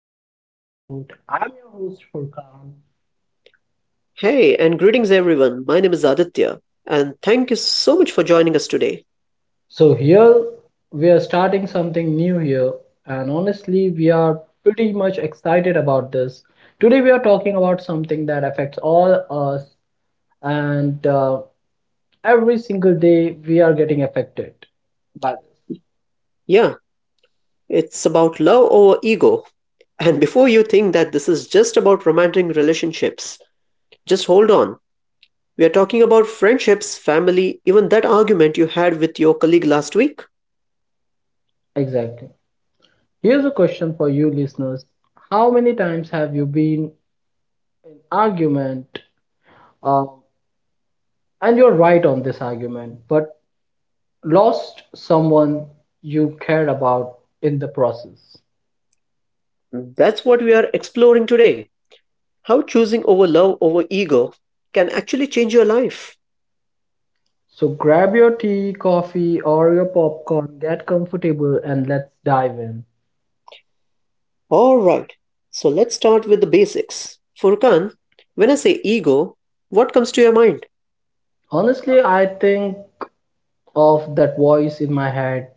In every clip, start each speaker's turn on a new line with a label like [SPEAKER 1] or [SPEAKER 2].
[SPEAKER 1] to our episode. I'm your host, Furkan.
[SPEAKER 2] Hey, and greetings everyone. My name is Aditya, and thank you so much for joining us today.
[SPEAKER 1] So, here we are starting something new here, and honestly, we are pretty much excited about this. Today, we are talking about something that affects all us, and every single day, we are getting affected by this.
[SPEAKER 2] Yeah, it's about love over ego. And before you think that this is just about romantic relationships, just hold on. We are talking about friendships, family, even that argument you had with your colleague last week.
[SPEAKER 1] Exactly. Here's a question for you, listeners: How many times have you been in argument? um, And you're right on this argument, but lost someone you cared about in the process.
[SPEAKER 2] That's what we are exploring today. How choosing over love over ego can actually change your life.
[SPEAKER 1] So grab your tea, coffee, or your popcorn, get comfortable, and let's dive in.
[SPEAKER 2] Alright, so let's start with the basics. Furkan, when I say ego, what comes to your mind?
[SPEAKER 1] Honestly, I think of that voice in my head,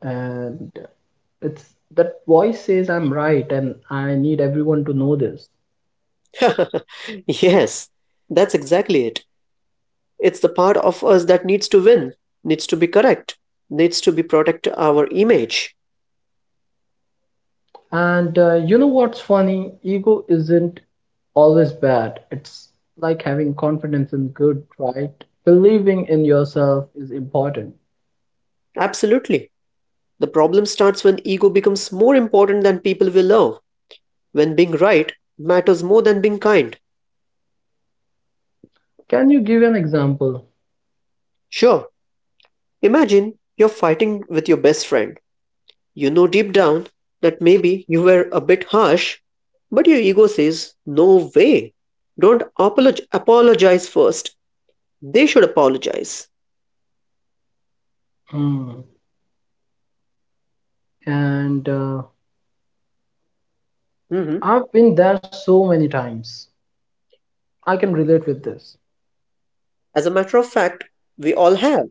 [SPEAKER 1] and it's that voice says I'm right, and I need everyone to know this.
[SPEAKER 2] Yes, that's exactly it. It's the part of us that needs to win, needs to be correct, needs to be protect our image.
[SPEAKER 1] And you know what's funny? Ego isn't always bad. It's like having confidence in good, right? Believing in yourself is important.
[SPEAKER 2] Absolutely. The problem starts when ego becomes more important than people we love, when being right matters more than being kind.
[SPEAKER 1] Can you give an example?
[SPEAKER 2] Sure, imagine you're fighting with your best friend. You know deep down that maybe you were a bit harsh, but your ego says, no way. Don't apologize first. They should apologize.
[SPEAKER 1] Hmm. And
[SPEAKER 2] Hmm.
[SPEAKER 1] I've been there so many times. I can relate with this.
[SPEAKER 2] As a matter of fact, we all have.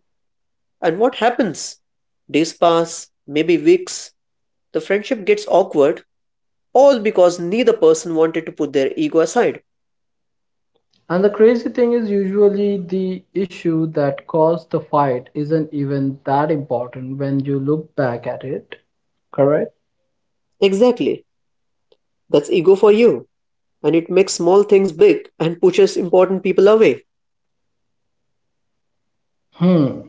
[SPEAKER 2] And what happens? Days pass, maybe weeks. The friendship gets awkward, all because neither person wanted to put their ego aside.
[SPEAKER 1] And the crazy thing is, usually the issue that caused the fight isn't even that important when you look back at it. Correct?
[SPEAKER 2] Exactly. That's ego for you. And it makes small things big and pushes important people away.
[SPEAKER 1] Hmm.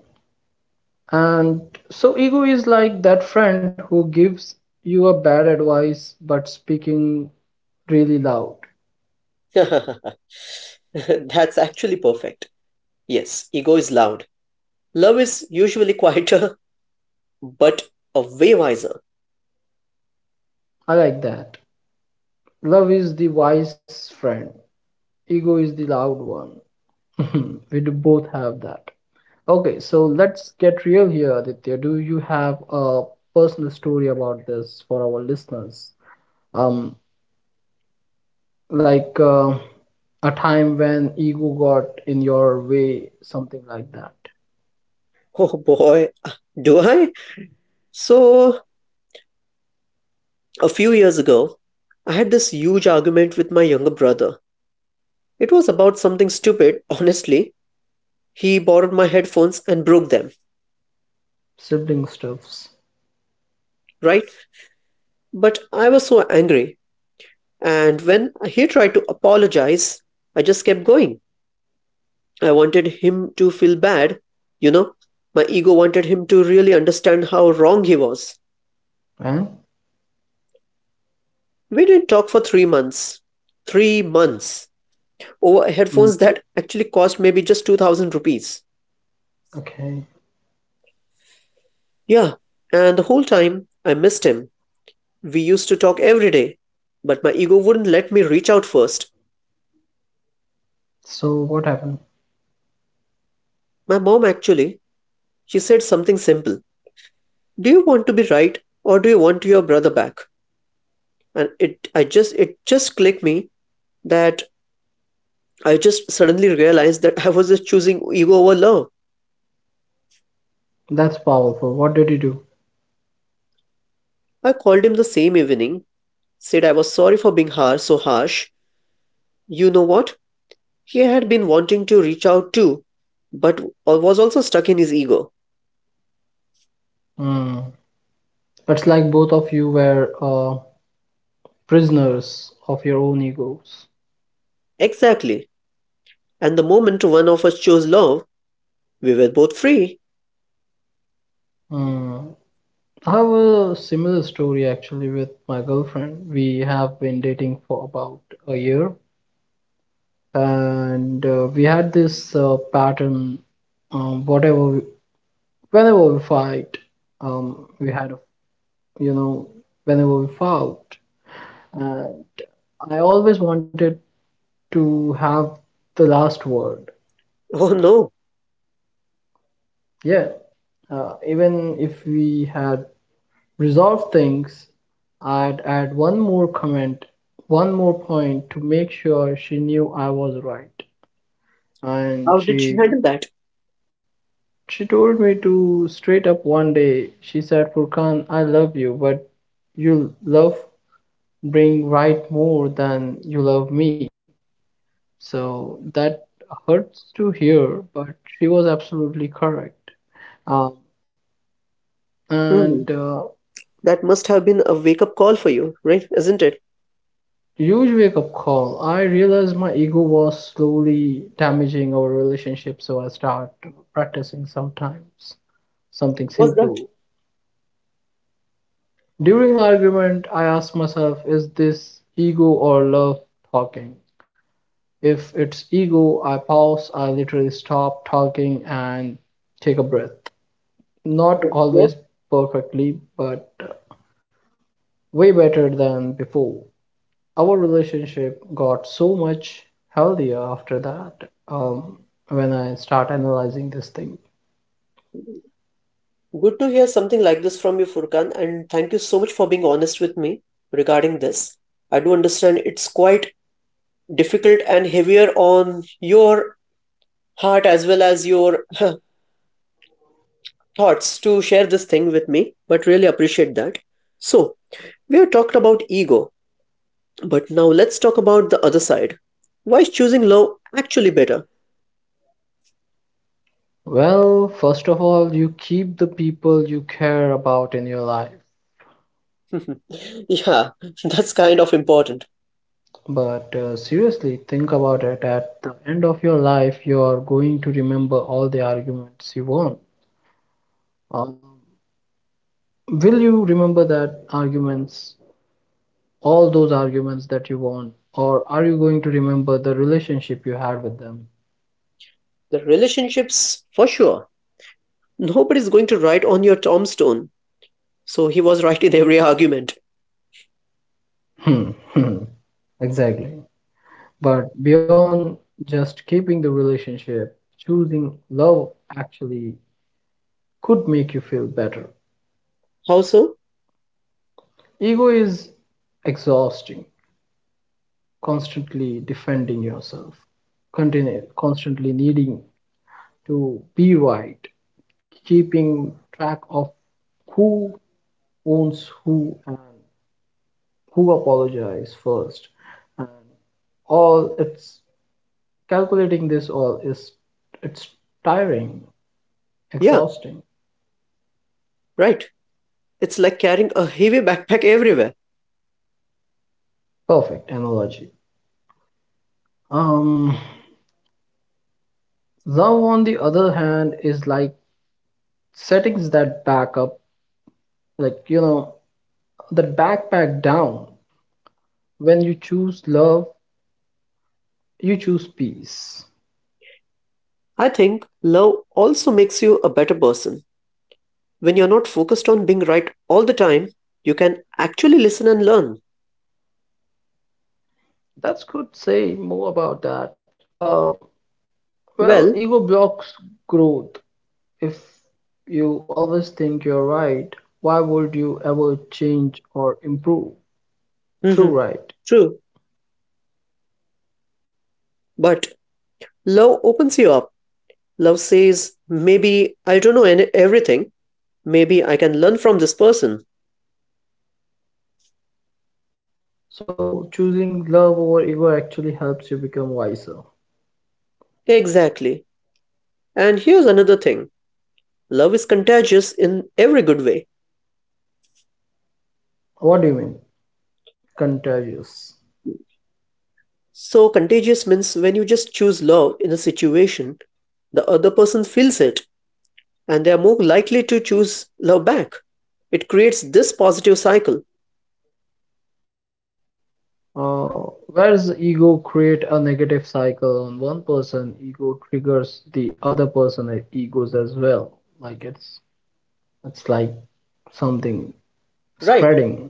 [SPEAKER 1] And so ego is like that friend who gives you a bad advice but speaking really loud.
[SPEAKER 2] That's actually perfect. Yes, ego is loud. Love is usually quieter, but a way wiser.
[SPEAKER 1] I like that. Love is the wise friend. Ego is the loud one. We do both have that. Okay, so let's get real here, Aditya. Do you have a personal story about this for our listeners? Um, like a time when ego got in your way, something like that.
[SPEAKER 2] Oh boy, do I? So, a few years ago, I had this huge argument with my younger brother. It was about something stupid, honestly. He borrowed my headphones and broke them,
[SPEAKER 1] Sibling stuffs,
[SPEAKER 2] right? But I was so angry. And when he tried to apologize, I just kept going. I wanted him to feel bad, you know? My ego wanted him to really understand how wrong he was.
[SPEAKER 1] eh?
[SPEAKER 2] We didn't talk for 3 months. 3 months. Over
[SPEAKER 1] Mm,
[SPEAKER 2] headphones that actually cost maybe just 2,000 rupees.
[SPEAKER 1] okay.
[SPEAKER 2] Yeah, and the whole time I missed him. We used to talk every day, but my ego wouldn't let me reach out first.
[SPEAKER 1] So what happened?
[SPEAKER 2] My mom actually, she said something simple. Do you want to be right or do you want your brother back? And it I just it just clicked me that I just suddenly realized that I was just choosing ego over love.
[SPEAKER 1] That's powerful. What did you do?
[SPEAKER 2] I called him the same evening, said I was sorry for being harsh, so harsh. You know what? He had been wanting to reach out too, but was also stuck in his ego.
[SPEAKER 1] Mm. It's like both of you were prisoners of your own egos.
[SPEAKER 2] Exactly. And the moment one of us chose love, we were both free.
[SPEAKER 1] Mm. I have a similar story actually with my girlfriend. We have been dating for about a year, and we had this pattern. Um, whatever, we, whenever we fight, we had a, you know, whenever we fought, uh, I always wanted to have the last word.
[SPEAKER 2] Oh no,
[SPEAKER 1] Yeah, even if we had resolved things, I'd add one more comment, one more point to make sure she knew I was right. And
[SPEAKER 2] how did she
[SPEAKER 1] she
[SPEAKER 2] handle that?
[SPEAKER 1] she told me to straight up one day. She said, "Furkan, I love you, but you love bring right more than you love me." So that hurts to hear, but she was absolutely correct. Um,
[SPEAKER 2] Hmm,
[SPEAKER 1] and
[SPEAKER 2] that must have been a wake up call for you, right? Isn't it?
[SPEAKER 1] huge wake up call. I realized my ego was slowly damaging our relationship, so I start practicing sometimes something
[SPEAKER 2] Was that?
[SPEAKER 1] simple. During argument, I ask myself, is this ego or love talking? If it's ego, I pause, I literally stop talking and take a breath. Not
[SPEAKER 2] Yeah.
[SPEAKER 1] always perfectly, but way better than before. Our relationship got so much healthier after that, when I start analyzing this thing.
[SPEAKER 2] Good to hear something like this from you, Furkan, and thank you so much for being honest with me regarding this. I do understand it's quite difficult and heavier on your heart as well as your thoughts to share this thing with me, but really appreciate that. So, we have talked about ego, but now let's talk about the other side. Why is choosing love actually better?
[SPEAKER 1] Well, first of all, you keep the people you care about in your life.
[SPEAKER 2] Yeah, that's kind of important.
[SPEAKER 1] But seriously think about it. At the end of your life, you are going to remember all the arguments you won. um, will you remember that arguments all those arguments that you won, or are you going to remember the relationship you had with them?
[SPEAKER 2] The relationships, for sure. Nobody's going to write on your tombstone. So he was right in every argument.
[SPEAKER 1] Hmm. Hmm. Exactly. But beyond just keeping the relationship, choosing love actually could make you feel better.
[SPEAKER 2] How so?
[SPEAKER 1] Ego is exhausting, constantly defending yourself, constantly needing to be right, keeping track of who owns who and who apologizes first. And all it's calculating this all is, it's tiring,
[SPEAKER 2] Yeah,
[SPEAKER 1] exhausting.
[SPEAKER 2] right. It's like carrying a heavy backpack everywhere.
[SPEAKER 1] Perfect analogy. Um, Love, on the other hand, is like settings that back up, like, that backpack down. When you choose love, you choose peace.
[SPEAKER 2] I think love also makes you a better person. When you're not focused on being right all the time, you can actually listen and learn.
[SPEAKER 1] That's good. Say more about that. Well,
[SPEAKER 2] Well,
[SPEAKER 1] ego blocks growth. If you always think you're right, why would you ever change or improve? True,
[SPEAKER 2] hmm,
[SPEAKER 1] right?
[SPEAKER 2] true. But love opens you up. Love says, maybe I don't know everything. Maybe I can learn from this person.
[SPEAKER 1] So, choosing love over ego actually helps you become wiser.
[SPEAKER 2] Exactly. And here's another thing, love is contagious in every good way.
[SPEAKER 1] What do you mean? Contagious.
[SPEAKER 2] So, contagious means when you just choose love in a situation, the other person feels it and they are more likely to choose love back. It creates this positive cycle,
[SPEAKER 1] Uh, where does ego create a negative cycle on one person? Ego triggers the other person, egos as well. Like it's like something
[SPEAKER 2] right?
[SPEAKER 1] spreading.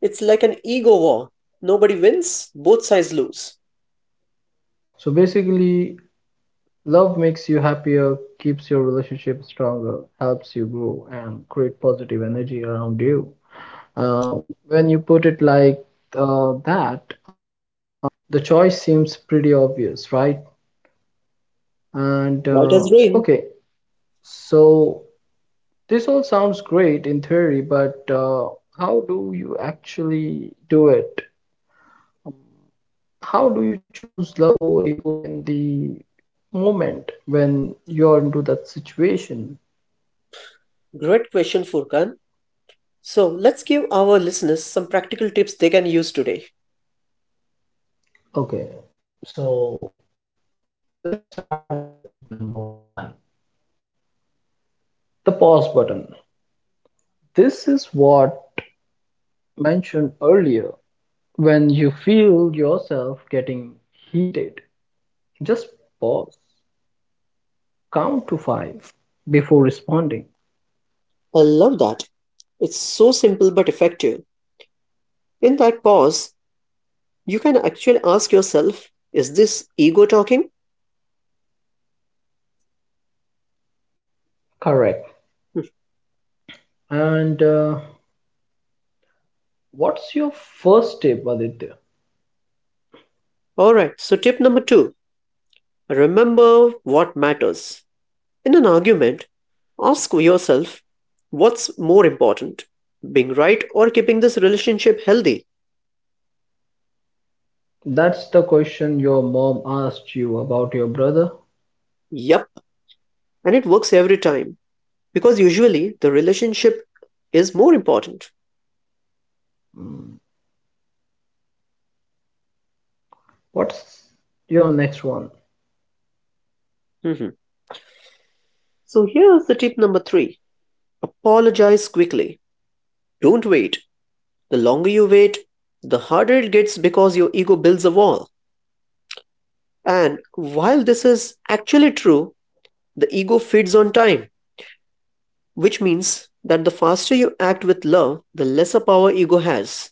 [SPEAKER 2] It's like an ego war. Nobody wins, both sides lose.
[SPEAKER 1] So basically, love makes you happier, keeps your relationship stronger, helps you grow, and create positive energy around you. Uh, when you put it like that, um, the choice seems pretty obvious, right? And
[SPEAKER 2] Right as rain.
[SPEAKER 1] okay, so this all sounds great in theory, but how do you actually do it? How do you choose love or ego in the moment when you're into that situation?
[SPEAKER 2] Great question, Furkan. So let's give our listeners some practical tips they can use today.
[SPEAKER 1] Okay, so let's start with the tip number one. The pause button. This is what mentioned earlier. When you feel yourself getting heated, just pause, count to five before responding.
[SPEAKER 2] I love that. It's so simple but effective. In that pause, you can actually ask yourself, is this ego talking?
[SPEAKER 1] Correct.
[SPEAKER 2] Hmm.
[SPEAKER 1] And what's your first tip, Aditya?
[SPEAKER 2] All right, so tip number two, remember what matters. In an argument, ask yourself, what's more important, being right or keeping this relationship healthy?
[SPEAKER 1] That's the question your mom asked you about your brother.
[SPEAKER 2] Yep, and it works every time because usually the relationship is more important.
[SPEAKER 1] Hmm. What's your next one?
[SPEAKER 2] Mm-hmm. So here's the tip number three, apologize quickly. Don't wait. The longer you wait, the harder it gets because your ego builds a wall. And while this is actually true, the ego feeds on time, which means that the faster you act with love, the lesser power ego has.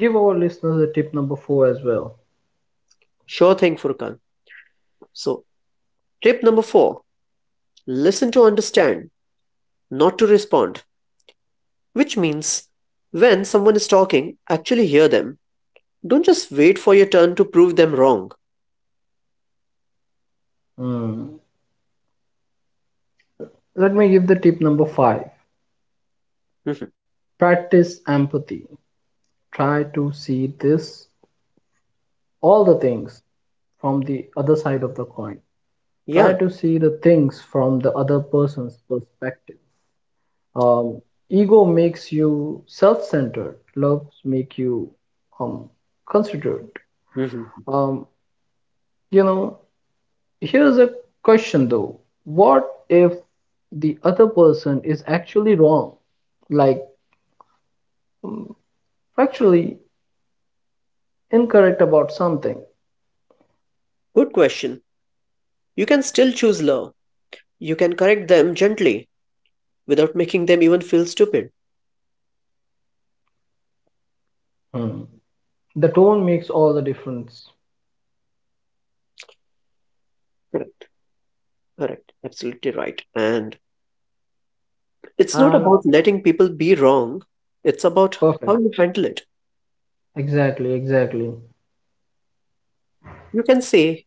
[SPEAKER 1] Give our listeners a tip number four as well.
[SPEAKER 2] Sure thing, Furkan. So, tip number four, listen to understand, not to respond. Which means, when someone is talking, actually hear them. Don't just wait for your turn to prove them wrong.
[SPEAKER 1] Hmm. Let me give the tip number five.
[SPEAKER 2] Mhm.
[SPEAKER 1] Practice empathy. Try to see this, all the things from the other side of the coin. Try
[SPEAKER 2] Yeah.
[SPEAKER 1] to see the things from the other person's perspective. um, Ego makes you self-centered. Loves make you um, considerate.
[SPEAKER 2] Mhm.
[SPEAKER 1] um, you know Here's a question though: what if the other person is actually wrong, like factually incorrect about something?
[SPEAKER 2] Good question. You can still choose love. You can correct them gently without making them even feel stupid.
[SPEAKER 1] Hmm. The tone makes all the difference.
[SPEAKER 2] Correct. Correct. Absolutely right. And it's not
[SPEAKER 1] And.
[SPEAKER 2] about letting people be wrong. It's about
[SPEAKER 1] Perfect.
[SPEAKER 2] how you handle it.
[SPEAKER 1] Exactly, exactly.
[SPEAKER 2] You can say,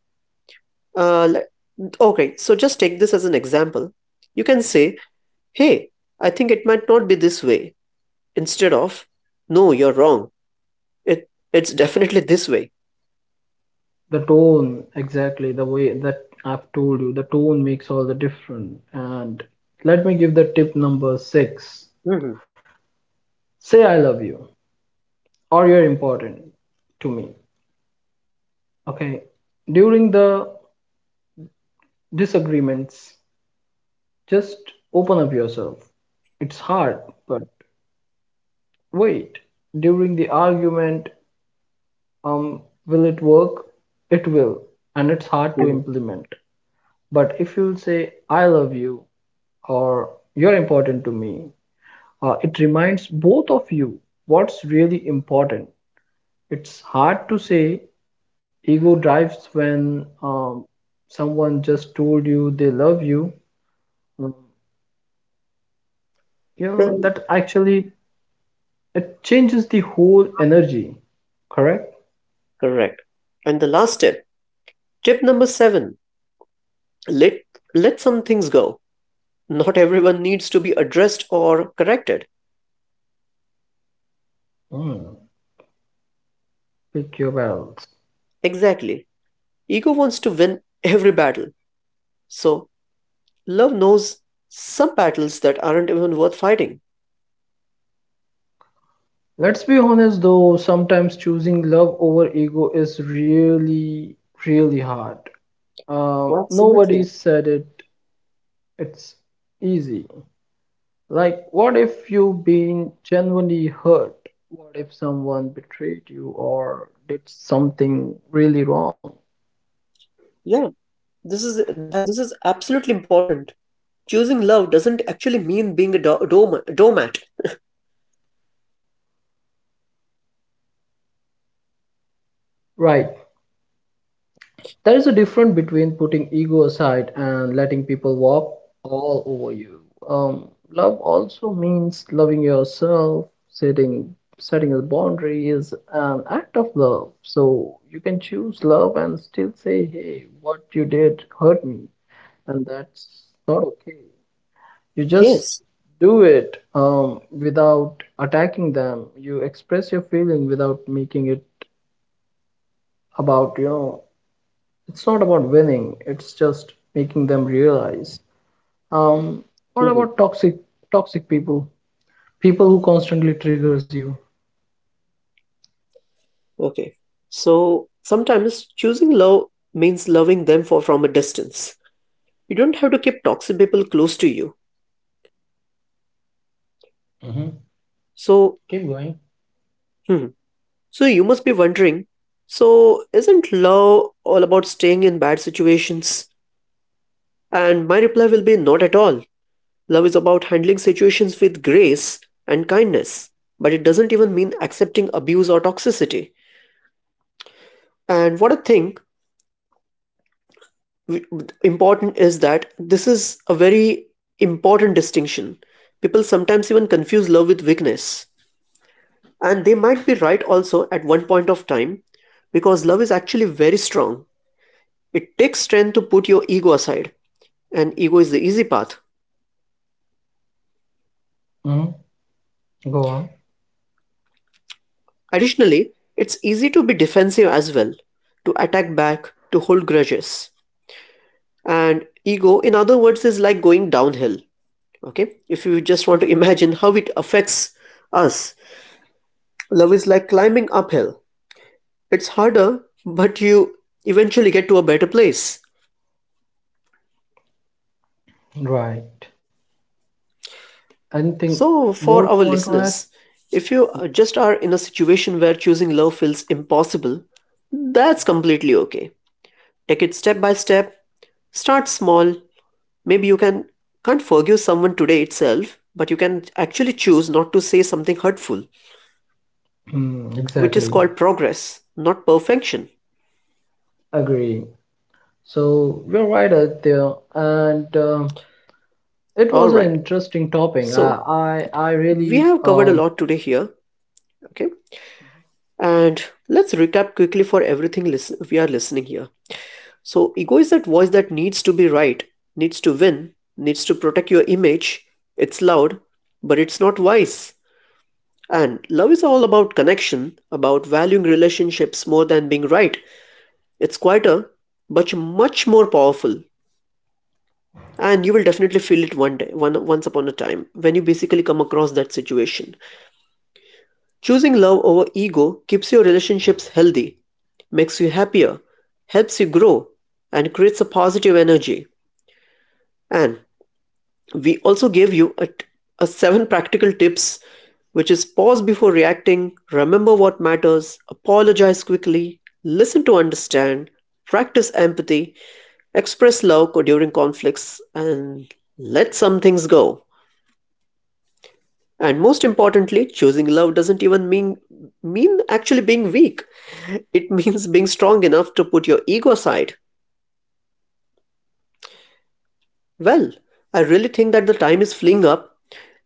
[SPEAKER 2] uh, le- okay, so just take this as an example. You can say, hey, I think it might not be this way. Instead of, "No, you're wrong. It's definitely this way."
[SPEAKER 1] The tone, exactly the way that I've told you, the tone makes all the difference. And let me give the tip number six.
[SPEAKER 2] Mhm,
[SPEAKER 1] Say I love you or you're important to me. Okay. During the disagreements, just open up yourself. It's hard, but wait. During the argument, will it work? It will, and it's hard to
[SPEAKER 2] mhm.
[SPEAKER 1] implement. But if you'll say, I love you, or you're important to me, it reminds both of you what's really important. It's hard to say ego drives when someone just told you they love you. Um,
[SPEAKER 2] Then
[SPEAKER 1] that actually it changes the whole energy, correct?
[SPEAKER 2] correct. And the last tip, tip number 7, let let some things go. Not everyone needs to be addressed or corrected.
[SPEAKER 1] Mm. Pick your battles.
[SPEAKER 2] Exactly. Ego wants to win every battle. So, love knows some battles that aren't even worth fighting.
[SPEAKER 1] Let's be honest though, sometimes choosing love over ego is really, really hard.
[SPEAKER 2] Well, absolutely.
[SPEAKER 1] Nobody said it. It's easy. Like, what if you've been genuinely hurt? What if someone betrayed you or did something really wrong?
[SPEAKER 2] Yeah, this is that. This is absolutely important. Choosing love doesn't actually mean being a doormat.
[SPEAKER 1] Right. There is a difference between putting ego aside and letting people walk all over you. Love also means loving yourself. Setting a boundary is an act of love. So you can choose love and still say, "Hey, what you did hurt me," and that's not okay. You just
[SPEAKER 2] Yes,
[SPEAKER 1] do it without attacking them. You express your feeling without making it about, it's not about winning, it's just making them realize um what
[SPEAKER 2] mhm.
[SPEAKER 1] about toxic, toxic people people who constantly triggers you?
[SPEAKER 2] Okay. So sometimes choosing love means loving them for from a distance. You don't have to keep toxic people close to you.
[SPEAKER 1] Hmm.
[SPEAKER 2] So,
[SPEAKER 1] Keep going.
[SPEAKER 2] hmm. So you must be wondering, so isn't love all about staying in bad situations? And my reply will be not at all. Love is about handling situations with grace and kindness, but it doesn't even mean accepting abuse or toxicity. And what I think important is that this is a very important distinction. People sometimes even confuse love with weakness. And they might be right also at one point of time because love is actually very strong. It takes strength to put your ego aside, and ego is the easy path.
[SPEAKER 1] Hmm. Go on.
[SPEAKER 2] Additionally, it's easy to be defensive as well, to attack back, to hold grudges. And ego, in other words, is like going downhill. Okay, if you just want to imagine how it affects us. Love is like climbing uphill. It's harder, but you eventually get to a better place.
[SPEAKER 1] Right. Anything
[SPEAKER 2] So,
[SPEAKER 1] more
[SPEAKER 2] for
[SPEAKER 1] you
[SPEAKER 2] our
[SPEAKER 1] want to add?
[SPEAKER 2] listeners, if you just are in a situation where choosing love feels impossible, that's completely okay. Take it step by step, start small. Maybe you can't forgive someone today itself, but you can actually choose not to say something hurtful,
[SPEAKER 1] Hmm,
[SPEAKER 2] which is
[SPEAKER 1] exactly.
[SPEAKER 2] called progress, not perfection.
[SPEAKER 1] Agree. So you're right out there, and it
[SPEAKER 2] All
[SPEAKER 1] was an
[SPEAKER 2] right.
[SPEAKER 1] interesting topic.
[SPEAKER 2] So,
[SPEAKER 1] I, I, I
[SPEAKER 2] we
[SPEAKER 1] really
[SPEAKER 2] have covered a lot today here, okay? And let's recap quickly for everything we are listening here. So, ego is that voice that needs to be right, needs to win, needs to protect your image. It's loud, but it's not wise. And love is all about connection, about valuing relationships more than being right. It's quieter, but much more powerful. And you will definitely feel it one day, one, once upon a time, when you basically come across that situation. Choosing love over ego keeps your relationships healthy, makes you happier, helps you grow, and creates a positive energy. And we also gave you a seven practical tips, which is pause before reacting, remember what matters, apologize quickly, listen to understand, practice empathy, express love during conflicts, and let some things go. And most importantly, choosing love doesn't even mean actually being weak. It means being strong enough to put your ego aside. Well, I really think that the time is fleeing up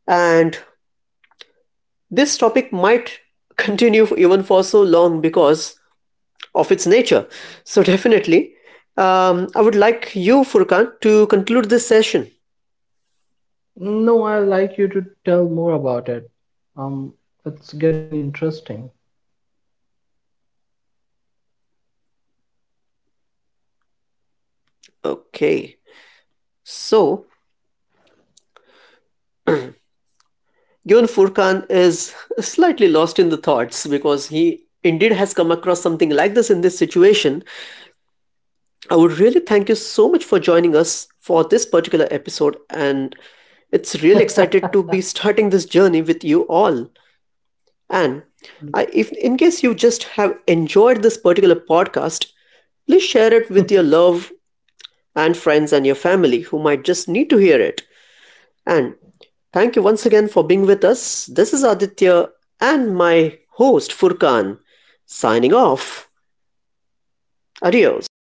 [SPEAKER 2] and this topic might continue even for so long because of its nature. So definitely, I would like you, Furkan, to conclude this session.
[SPEAKER 1] no, I like you to tell more about it. Um, it's getting interesting.
[SPEAKER 2] Okay. So, given Furkan is slightly lost in the thoughts because he indeed has come across something like this in this situation, I would really thank you so much for joining us for this particular episode. And it's really excited to be
[SPEAKER 1] Right.
[SPEAKER 2] starting this journey with you all. And if in case you just have enjoyed this particular podcast, please share it with your love and friends and your family who might just need to hear it. And thank you once again for being with us. This is Aditya and my host Furkan signing off. Adios.